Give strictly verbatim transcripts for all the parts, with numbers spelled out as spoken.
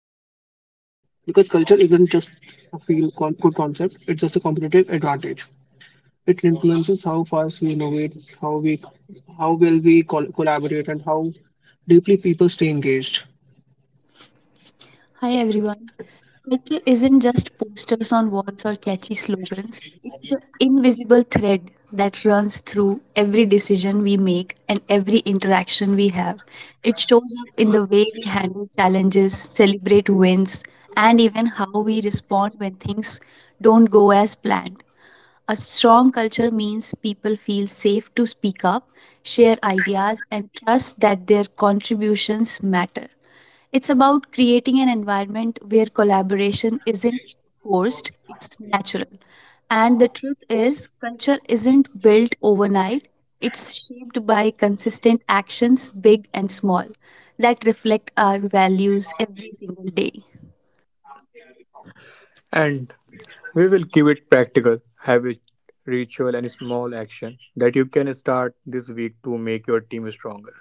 does it matter? Because culture isn't just a feel con- good concept, it's just a competitive advantage. It influences how fast we innovate, how we how well we col- collaborate, and how deeply people stay engaged. Hi everyone. Culture isn't just posters on walls or catchy slogans. It's the invisible thread that runs through every decision we make and every interaction we have. It shows up in the way we handle challenges, celebrate wins, and even how we respond when things don't go as planned. A strong culture means people feel safe to speak up, share ideas, and trust that their contributions matter. It's about creating an environment where collaboration isn't forced, it's natural. And the truth is, culture isn't built overnight, it's shaped by consistent actions, big and small, that reflect our values every single day. And we will keep it practical habit, ritual, and small action that you can start this week to make your team stronger.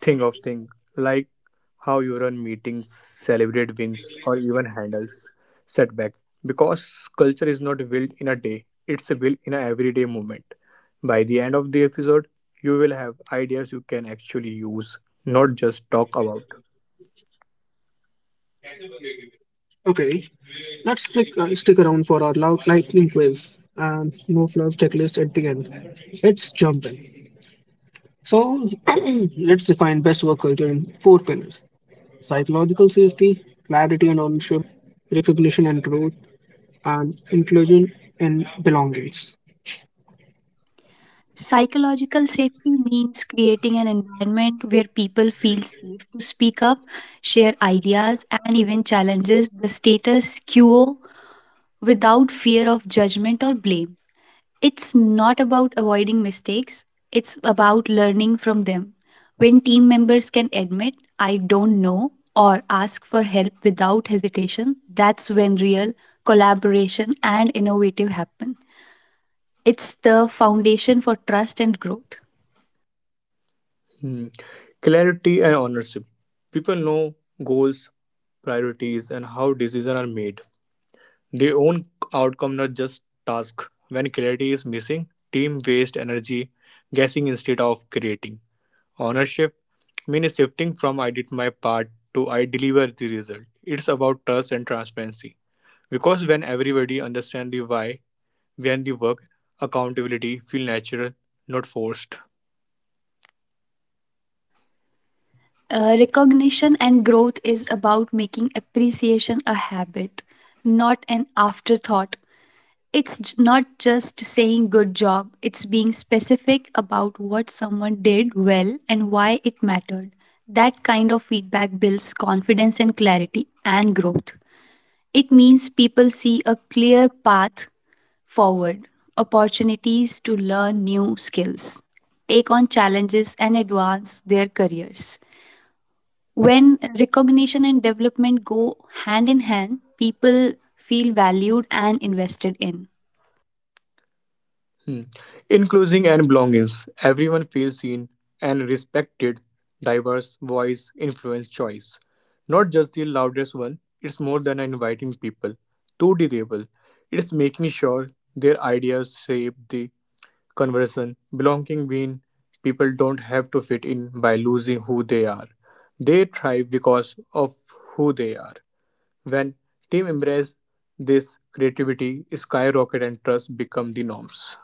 Think of things like how you run meetings, celebrate wins, or even handles setback. Because culture is not built in a day, it's built in an everyday movement. By the end of the episode, you will have ideas you can actually use, not just talk about. Okay, let's stick, uh, stick around for our loud lightning quiz and no fluff checklist at the end. Let's jump in. So let's define best work culture in four pillars. Psychological safety, clarity and ownership, recognition and growth, and inclusion and belongings. Psychological safety means creating an environment where people feel safe to speak up, share ideas, and even challenges the status quo without fear of judgment or blame. It's not about avoiding mistakes, it's about learning from them. When team members can admit, I don't know, or ask for help without hesitation, that's when real collaboration and innovative happen. It's the foundation for trust and growth. Mm. Clarity and ownership. People know goals, priorities, and how decisions are made. They own outcome, not just task. When clarity is missing, team waste energy guessing instead of creating. Ownership means shifting from I did my part to I deliver the result. It's about trust and transparency. Because when everybody understands the why behind the work, accountability feel natural, not forced. Uh, recognition and growth is about making appreciation a habit, not an afterthought. It's j- not just saying good job, it's being specific about what someone did well and why it mattered. That kind of feedback builds confidence and clarity and growth. It means people see a clear path forward, opportunities to learn new skills, take on challenges, and advance their careers. When recognition and development go hand in hand, people feel valued and invested in. Hmm. In closing and belongings, everyone feels seen and respected. Diverse voice influence choice. Not just the loudest one, it's more than inviting people to the table. It's making sure their ideas shape the conversation. Belonging means people don't have to fit in by losing who they are. They thrive because of who they are. When team embrace this creativity, skyrocket and trust become the norms.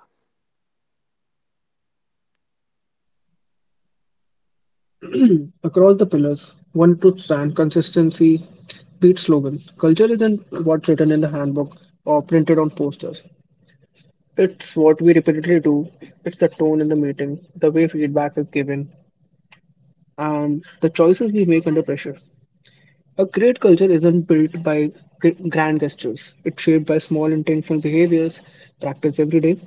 Across the pillars, one truth stand consistency beats slogan. Culture isn't what's written in the handbook or printed on posters. It's what we repeatedly do. It's the tone in the meeting, the way feedback is given, and the choices we make under pressure. A great culture isn't built by gr- grand gestures. It's shaped by small intentional behaviors practiced every day.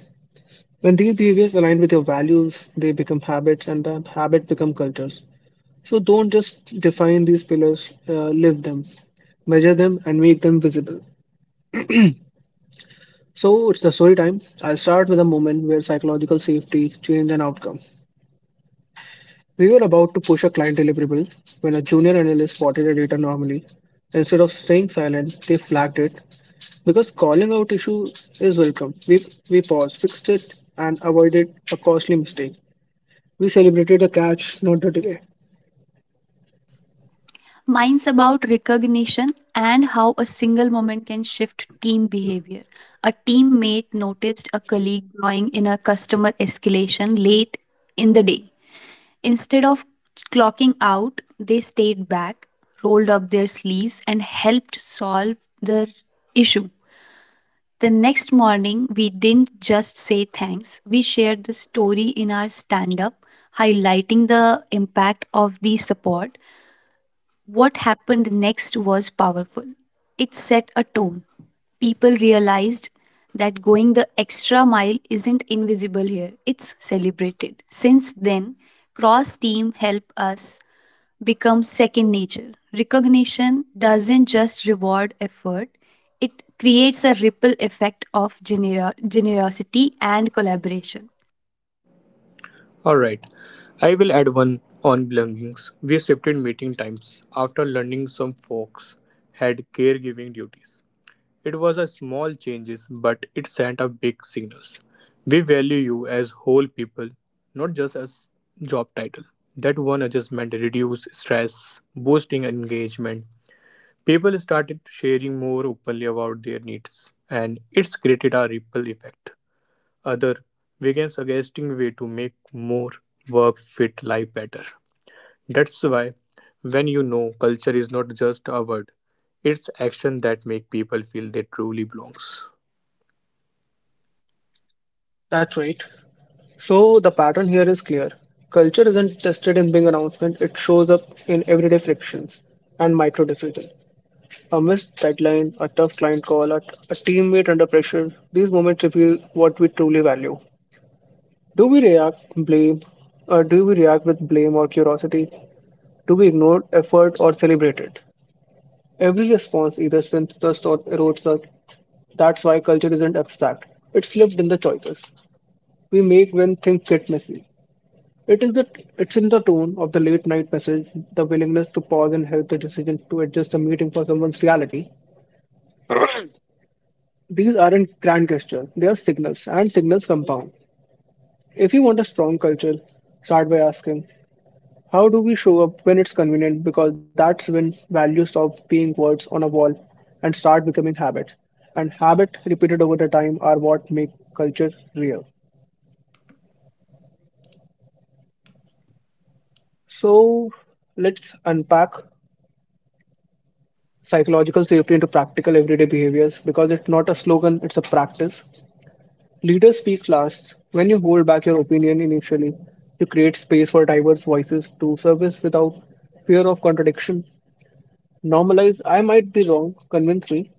When these behaviors align with your values, they become habits, and that habit become cultures. So don't just define these pillars, uh, live them, measure them, and make them visible. So it's the story time. I'll start with a moment where psychological safety changed an outcome. We were about to push a client deliverable when a junior analyst spotted a data anomaly. Instead of staying silent, they flagged it because calling out issue is welcome. We we paused, fixed it, and avoided a costly mistake. We celebrated the catch, not the delay. Mine's about recognition and how a single moment can shift team behavior. A teammate noticed a colleague drawing in a customer escalation late in the day. Instead of clocking out, they stayed back, rolled up their sleeves, and helped solve the issue. The next morning, we didn't just say thanks, we shared the story in our stand up, highlighting the impact of the support. What happened next was powerful. It set a tone. People realized that going the extra mile isn't invisible here, it's celebrated. Since then, cross team help us become second nature. Recognition doesn't just reward effort, it creates a ripple effect of genera- generosity and collaboration. Alright, I will add one on belongings. We shifted meeting times after learning some folks had caregiving duties. It was a small changes, but it sent a big signals. We value you as whole people, not just as job title. That one adjustment reduced stress, boosting engagement. People started sharing more openly about their needs, and it's created a ripple effect other vegan's suggesting way to make more work fit life better. That's why when you know culture is not just a word, it's action that make people feel they truly belongs. That's right. So the pattern here is clear. Culture isn't tested in big announcements, it shows up in everyday frictions and micro decisions. A missed deadline, a tough client call, a, a teammate under pressure, these moments reveal what we truly value. Do we react, blame, or do we react with blame or curiosity? Do we ignore effort or celebrate it? Every response either strengthens us or erodes us. That's why culture isn't abstract. It's lived in the choices we make when things get messy. It is the it's in the tone of the late night message, the willingness to pause and help the decision to adjust a meeting for someone's reality. These aren't grand gestures, they are signals, and signals compound. If you want a strong culture, start by asking, how do we show up when it's convenient? Because that's when values stop being words on a wall and start becoming habits. And habit repeated over the time are what make culture real. So let's unpack psychological safety into practical everyday behaviors because it's not a slogan, it's a practice. Leaders speak last. When you hold back your opinion initially, you create space for diverse voices to service without fear of contradiction. Normalize, I might be wrong, convince me.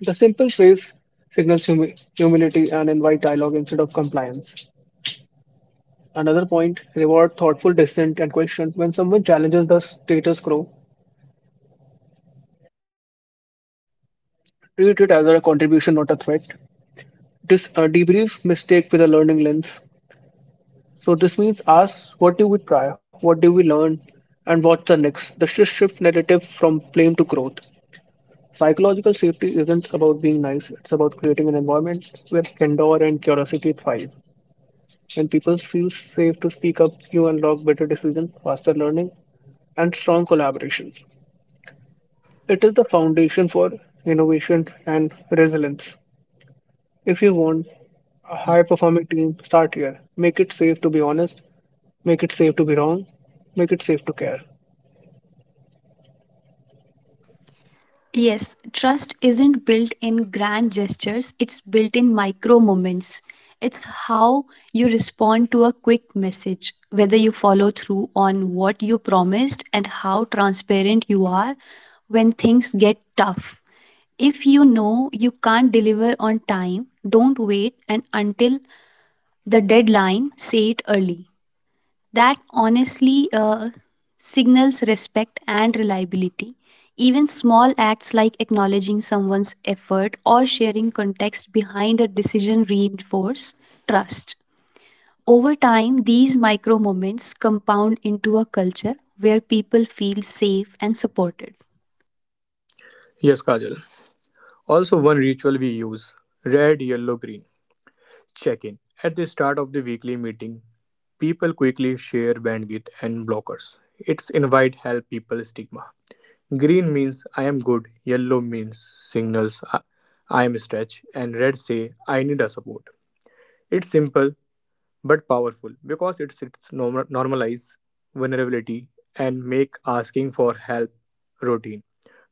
The simple phrase signals humi- humility and invite dialogue instead of compliance. Another point reward thoughtful dissent and question. When someone challenges the status quo, treat it as a contribution, not a threat. This uh, debriefs mistake with a learning lens. So this means ask what do we try, what do we learn, and what's the next. The shift shift narrative from blame to growth. Psychological safety isn't about being nice, it's about creating an environment where candor and curiosity thrive. When people feel safe to speak up, you unlock better decisions, faster learning, and strong collaborations. It is the foundation for innovation and resilience. If you want a high performing team, start here. Make it safe to be honest, make it safe to be wrong, make it safe to care. Yes, trust isn't built in grand gestures, it's built in micro moments. It's how you respond to a quick message, whether you follow through on what you promised, and how transparent you are when things get tough. If you know you can't deliver on time, don't wait and until the deadline, say it early. That honestly uh, signals respect and reliability. Even small acts like acknowledging someone's effort or sharing context behind a decision reinforce trust. Over time, these micro moments compound into a culture where people feel safe and supported. Yes, Kajal. Also, one ritual we use red, yellow, green. Check in. At the start of the weekly meeting, people quickly share bandwidth and blockers. It's invite help people stigma. Green means I am good, yellow means signals I I am stretched, and red say I need a support. It's simple but powerful because it sits norm- normalize vulnerability and make asking for help routine,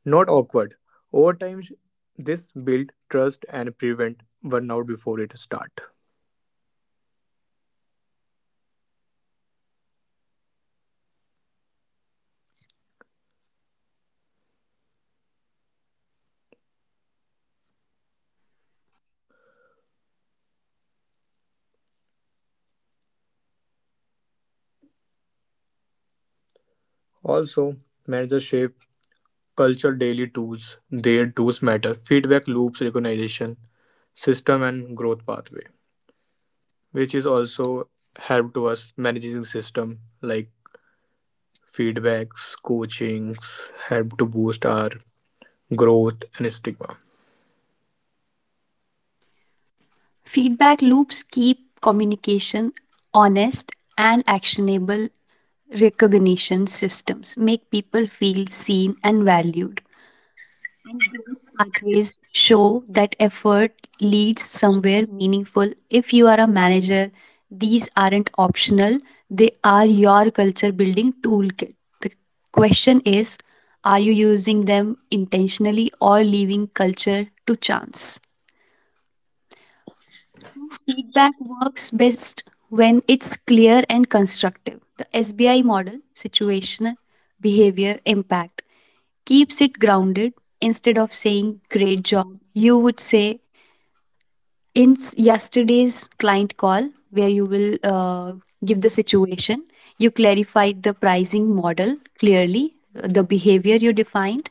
not awkward. Over time, this build trust and prevent burnout before it start. Also, managers shape culture daily tools. Their tools matter. Feedback loops, recognition, system, and growth pathway, which is also help to us managing system like feedbacks, coachings, help to boost our growth and stigma. Feedback loops keep communication honest and actionable recognition systems, make people feel seen and valued. Growth pathways show that effort leads somewhere meaningful. If you are a manager, these aren't optional, they are your culture building toolkit. The question is, are you using them intentionally or leaving culture to chance? Feedback works best when it's clear and constructive. The S B I model, situational, behavior, impact, keeps it grounded. Instead of saying, great job, you would say, in s- yesterday's client call, where you will uh, give the situation, you clarified the pricing model clearly, the behavior you defined,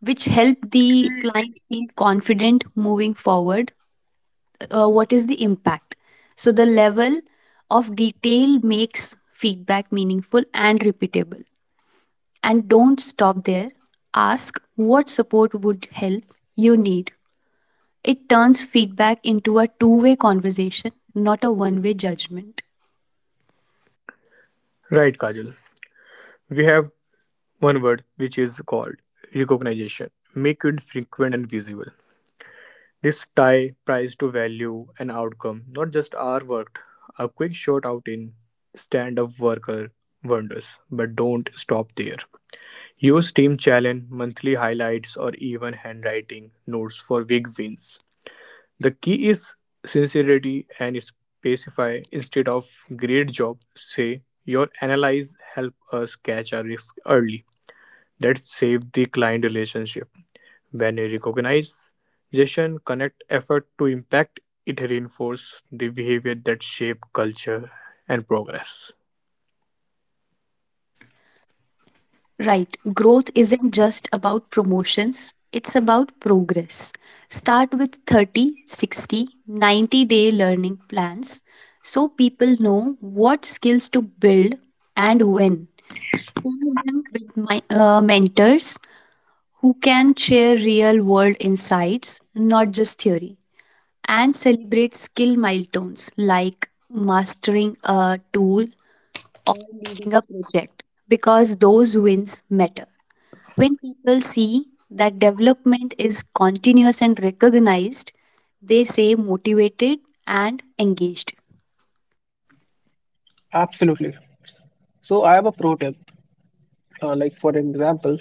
which helped the client feel confident moving forward. Uh, what is the impact? So, the level of detail makes feedback meaningful and repeatable. And don't stop there. Ask what support would help you need. It turns feedback into a two way conversation, not a one way judgment. Right, Kajal, we have one word which is called recognition. Make it frequent and visible. This tie price to value and outcome, not just hour worked. A quick shout out in stand up worker wonders, but don't stop there. Use team challenge monthly highlights or even handwriting notes for big wins. The key is sincerity and specify instead of great job. Say your analysis help us catch a risk early. That save the client relationship. When a recognition connect effort to impact, it reinforce the behavior that shape culture and progress. Right, growth isn't just about promotions, it's about progress. Start with thirty, sixty, ninety day learning plans so people know what skills to build and when. Pair them with my, uh, mentors who can share real world insights, not just theory, and celebrate skill milestones like mastering a tool or leading a project because those wins matter. When people see that development is continuous and recognized, they say motivated and engaged. Absolutely. So, I have a pro tip. Uh, like, for example,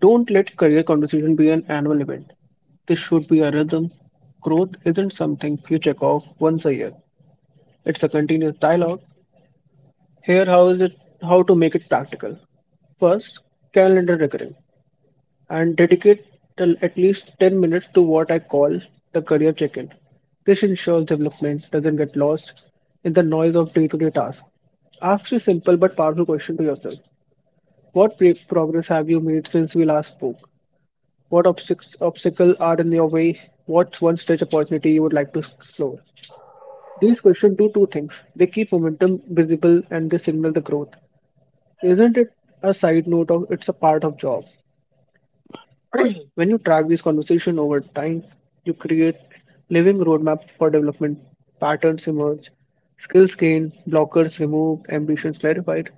don't let career conversation be an annual event. This should be a rhythm. Growth isn't something you check off once a year, it's a continuous dialogue. Here, how is it? How to make it practical? First, calendar recurring and dedicate till at least ten minutes to what I call the career check in. This ensures development doesn't get lost in the noise of day to day tasks. Ask a simple but powerful question to yourself. What pre- progress have you made since we last spoke? What obstacles obstacle are in your way? What's one such opportunity you would like to explore? These questions do two things, they keep momentum visible and they signal the growth. Isn't it a side note of it's a part of job? When you track this conversation over time, you create living roadmap for development. Patterns emerge, skills gained, blockers removed, ambitions clarified.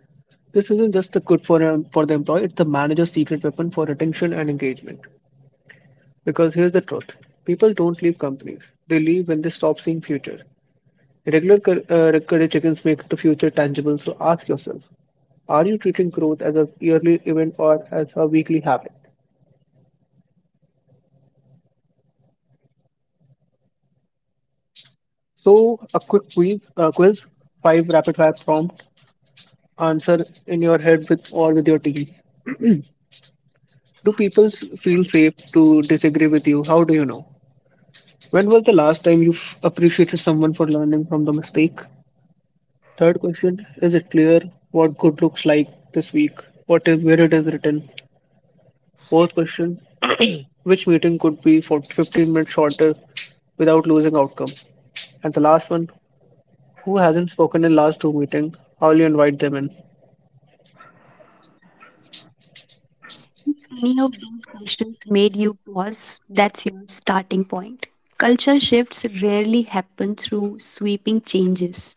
This isn't just the good for em- for the employee; it's the manager's secret weapon for retention and engagement. Because here's the truth: people don't leave companies; they leave when they stop seeing future. Regular cur- uh, career check-ins make the future tangible. So ask yourself: are you treating growth as a yearly event or as a weekly habit? So, a quick quiz, uh, quiz, five rapid fire prompts. Answer in your head with or with your team. Do people s- feel safe to disagree with you? How do you know? When was the last time you f- appreciated someone for learning from the mistake? Third question, is it clear what good looks like this week? What is where it is written? Fourth question, which meeting could be for fifteen minutes shorter without losing outcome? And the last one, who hasn't spoken in last two meeting? How will you invite them in? If any of those questions made you pause, that's your starting point. Culture shifts rarely happen through sweeping changes.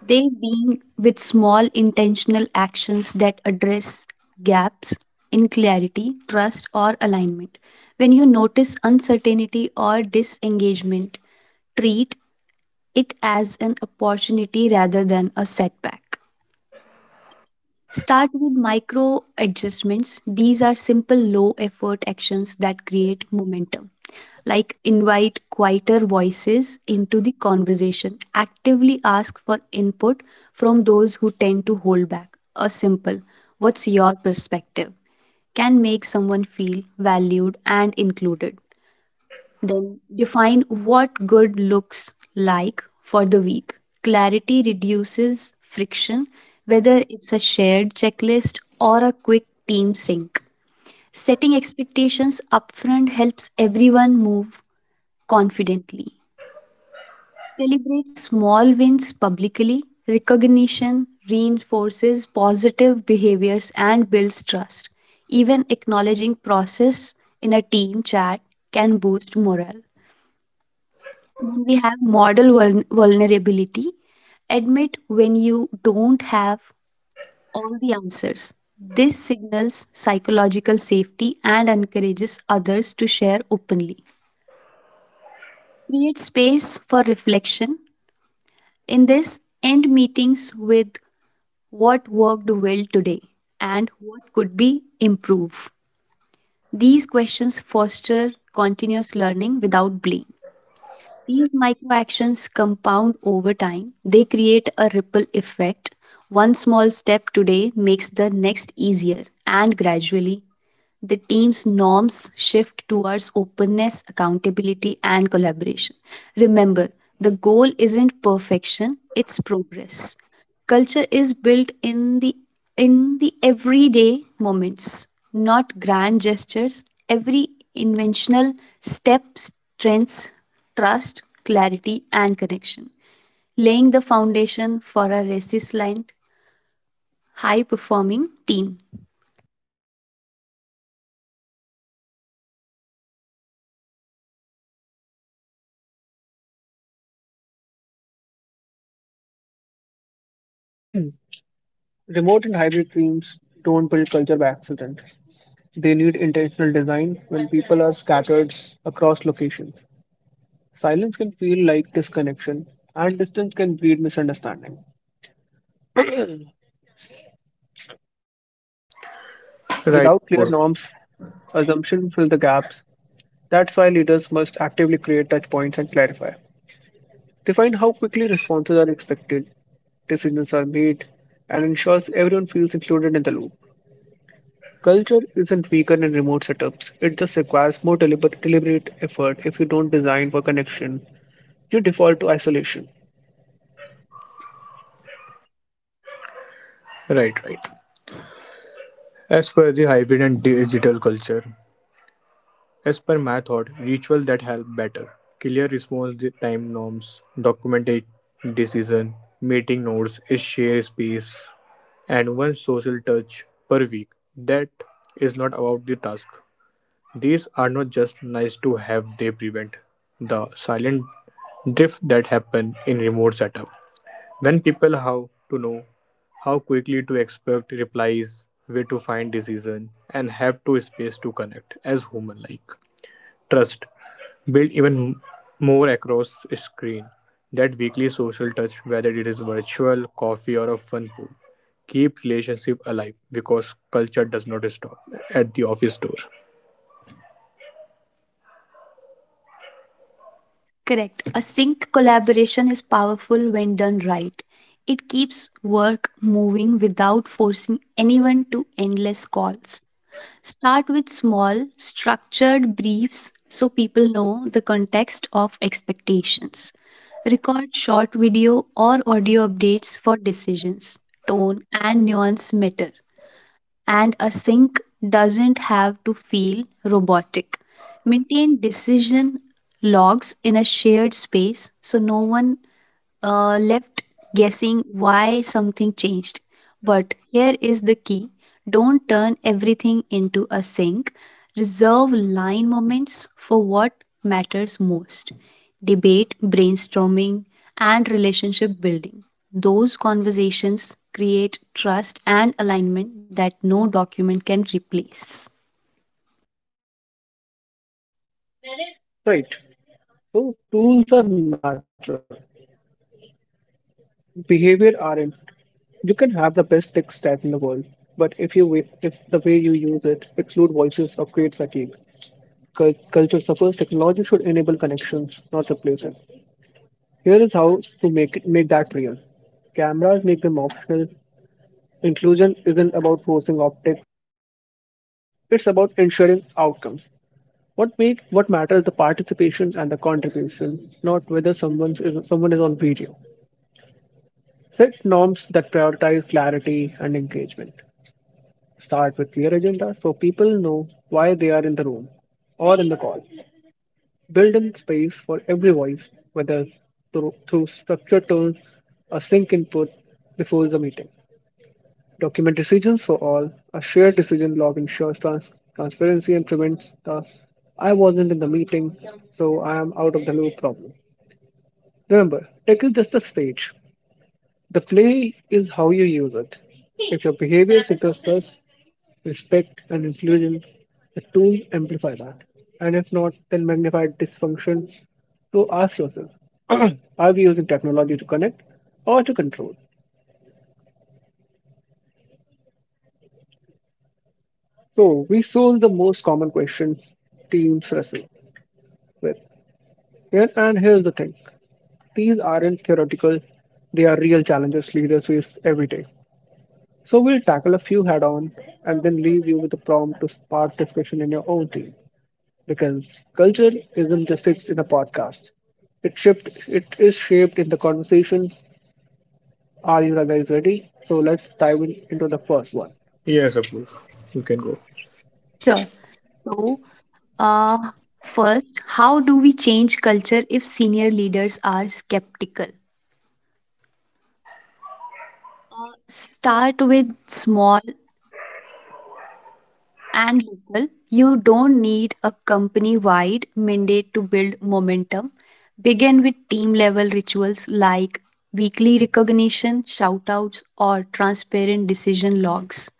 They being with small intentional actions that address gaps in clarity, trust, or alignment. When you notice uncertainty or disengagement, treat it as an opportunity rather than a setback. Start with micro adjustments. These are simple, low effort actions that create momentum. Like invite quieter voices into the conversation. Actively ask for input from those who tend to hold back. A simple, what's your perspective, can make someone feel valued and included. Then define what good looks like for the week. Clarity reduces friction, whether it's a shared checklist or a quick team sync. Setting expectations upfront helps everyone move confidently. Celebrate small wins publicly. Recognition reinforces positive behaviors and builds trust. Even acknowledging process in a team chat can boost morale. Then we have model vuln- vulnerability. Admit when you don't have all the answers. This signals psychological safety and encourages others to share openly. Create space for reflection. In this, end meetings with what worked well today and what could be improved. These questions foster continuous learning without blame. These micro actions compound over time. They create a ripple effect. One small step today makes the next easier, and gradually the team's norms shift towards openness, accountability, and collaboration. Remember, the goal isn't perfection, it's progress. Culture is built in the in the everyday moments, not grand gestures. Every inventional step strengths trust, clarity, and connection, laying the foundation for a resilient, high performing team. Remote and hybrid teams don't build culture by accident. They need intentional design when people are scattered across locations. Silence can feel like disconnection, and distance can breed misunderstanding. Right, of Without clear course. norms, assumptions fill the gaps. That's why leaders must actively create touch points and clarify. Define how quickly responses are expected, decisions are made, and ensures everyone feels included in the loop. Culture isn't weaker in remote setups. It just requires more deliber- deliberate effort if you don't design for connection. You default to isolation. Right, right. As per the hybrid and digital culture, as per my thought, rituals that help better. Clear response time norms, documented decision, meeting notes, a shared space, and one social touch per week. That is not about the task. These are not just nice to have, they prevent the silent drift that happen in remote setup. When people have to know how quickly to expect replies, where to find decision, and have to space to connect as human like. Trust build even more across screen. That weekly social touch, whether it is virtual, coffee, or a fun pool, keep relationship alive because culture does not stop at the office door. Correct. A sync collaboration is powerful when done right. It keeps work moving without forcing anyone to endless calls. Start with small, structured briefs so people know the context of expectations. Record short video or audio updates for decisions. Tone and nuance matter and a sink doesn't have to feel robotic. Maintain decision logs in a shared space so no one uh, left guessing why something changed. But here is the key, don't turn everything into a sink. Reserve line moments for what matters most: debate, brainstorming, and relationship building. Those conversations create trust and alignment that no document can replace. Right. So tools are natural. Behavior aren't. You can have the best tech stack in the world, but if you wa- if the way you use it exclude voices of create fatigue, Cul- culture suffers. Technology should enable connections, not replace it. Here is how to make it, make that real. Cameras make them optional. Inclusion isn't about forcing optics. It's about ensuring outcomes. What make what matters is the participation and the contribution, not whether someone is someone is on video. Set norms that prioritize clarity and engagement. Start with clear agendas so people know why they are in the room or in the call. Build in space for every voice, whether through, through structured tones or sync input before the meeting. Document decisions for all. A shared decision log ensures trans- transparency and prevents the I wasn't in the meeting, so I am out of the loop problem. Remember, tech is just the stage. The play is how you use it. If your behavior signals trust, respect, and inclusion, the tools amplify that. And if not, then magnify dysfunction. So ask yourself are we using technology to connect or to control? So we solved the most common question teams wrestle with. Here and here's the thing. These aren't theoretical, they are real challenges leaders face every day. So we'll tackle a few head on and then leave you with a prompt to spark discussion in your own team. Because culture isn't just fixed in a podcast. It shaped it is shaped in the conversation. Are you guys ready? So let's dive in, into the first one. Yes, Apurva, you can go. Sure. So, uh, first, how do we change culture if senior leaders are skeptical? Uh, start with small and local. You don't need a company wide mandate to build momentum. Begin with team level rituals like weekly recognition, shout outs, or transparent decision logs.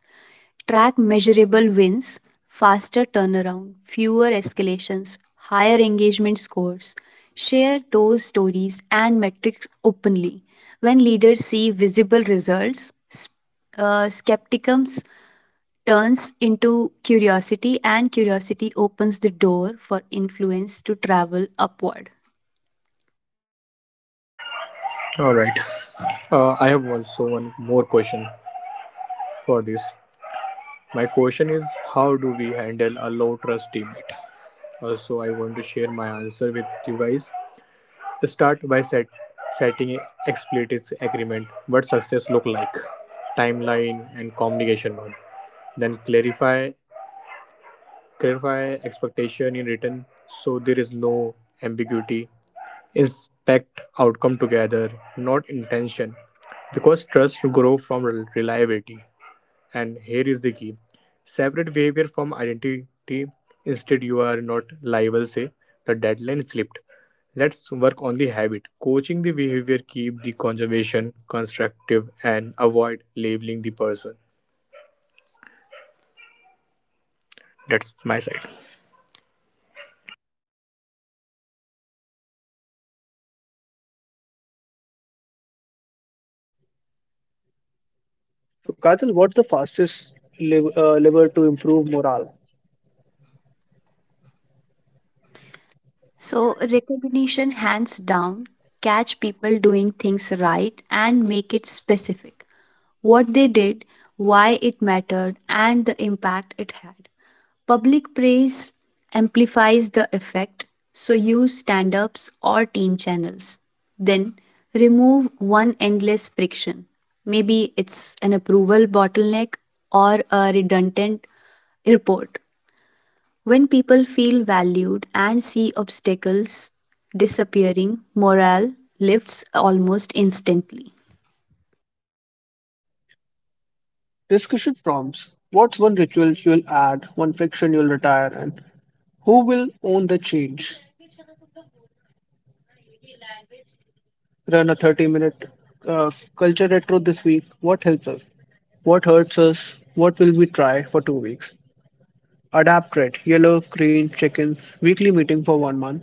Track measurable wins, faster turnaround, fewer escalations, higher engagement scores. Share those stories and metrics openly. When leaders see visible results, s- uh, skepticism turns into curiosity, and curiosity opens the door for influence to travel upward. All right. Uh, I have also one more question for this. My question is, how do we handle a low trust teammate? Also, I want to share my answer with you guys. Start by set, setting explicit agreement what success look like, timeline and communication norm. Then clarify clarify expectation in written so there is no ambiguity. Inspect outcome together, not intention, because trust grow from rel- reliability. And here is the key separate behavior from identity. Instead, you are not liable, say, the deadline slipped. Let's work on the habit. Coaching the behavior, keep the conservation constructive and avoid labeling the person. That's my side. So Kajal, what's the fastest lev- uh, lever to improve morale? So, recognition hands down, catch people doing things right and make it specific. What they did, why it mattered, and the impact it had. Public praise amplifies the effect, so use stand ups or team channels. Then remove one endless friction. Maybe it's an approval bottleneck or a redundant report. When people feel valued and see obstacles disappearing, morale lifts almost instantly. Discussion prompts. What's one ritual you'll add, one friction you'll retire, and who will own the change? Run a thirty minute uh, culture retro this week. What helps us? What hurts us? What will we try for two weeks? Adapt adapted Yellow Crane Chickens weekly meeting for one month.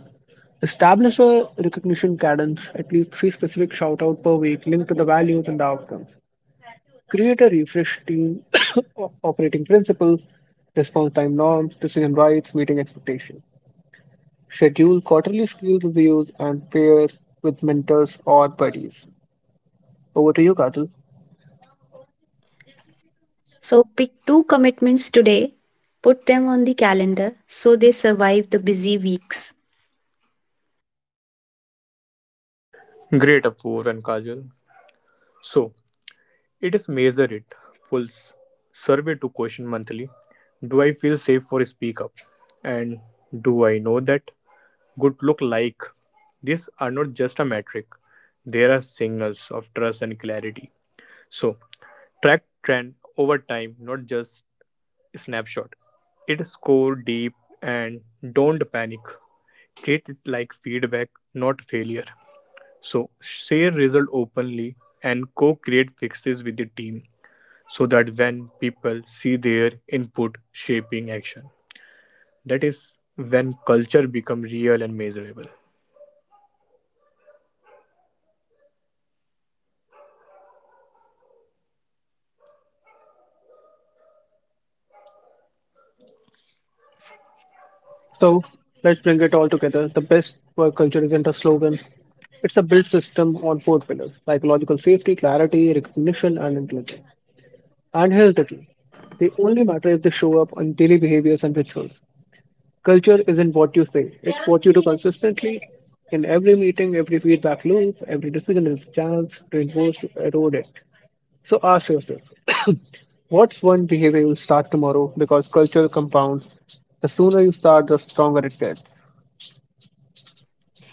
Establish a recognition cadence, at least three specific shout out per week linked to the values and the outcomes. Create a refresh team o- operating principles, response time norms, decision rights, meeting expectations. Schedule quarterly skill reviews and pair with mentors or buddies. Over to you, Kajal. So pick two commitments today, put them on the calendar so they survive the busy weeks. Great, Apoor and Kajal. So, it is measure it. Pulse survey to question monthly. Do I feel safe for speak up? And do I know that good look like. These are not just a metric, they are signals of trust and clarity. So, track trend over time, not just snapshot. It score deep and don't panic. Treat it like feedback, not failure. So, share result openly and co-create fixes with the team so that when people see their input shaping action, that is when culture become real and measurable. So let's bring it all together. The best work culture isn't a slogan, it's a built system on four pillars psychological safety, clarity, recognition, and intelligence. And here's the key, they only matter if they show up on daily behaviors and rituals. Culture isn't what you say, it's what you do consistently. In every meeting, every feedback loop, every decision is a chance to enforce to erode it. So ask yourself what's one behavior you'll start tomorrow because culture compounds. The sooner you start, the stronger it gets.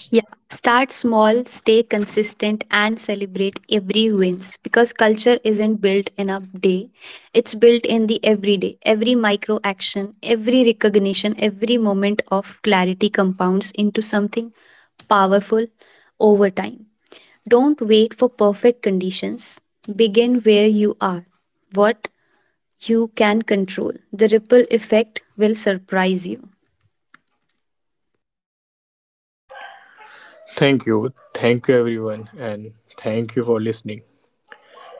Yeah, start small, stay consistent, and celebrate every wins because culture isn't built in a day. It's built in the everyday, every micro action, every recognition, every moment of clarity compounds into something powerful over time. Don't wait for perfect conditions. Begin where you are. What you can control. The ripple effect will surprise you. Thank you. Thank you, everyone. And thank you for listening.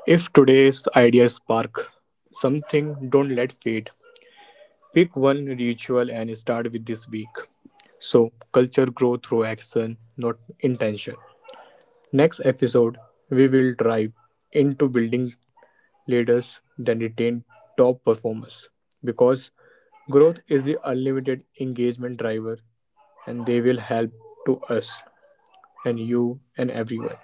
If today's idea spark something, don't let fade. Pick one ritual and start with this week. So, culture grow through action, not intention. Next episode, we will dive into building leaders that retain top performers because growth is the unlimited engagement driver and they will help to us and you and everyone.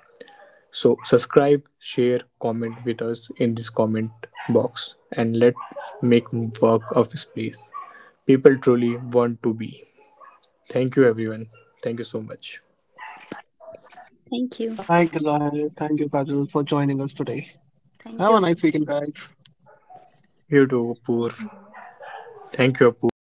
So subscribe, share, comment with us in this comment box and let's make work of this place. People truly want to be. Thank you everyone. Thank you so much. Thank Thank you, you. Zahir. Thank you, Kajal, for joining us today. Have a nice Thank you. weekend, guys. You too, Apoor. Thank you, Apoor. Thank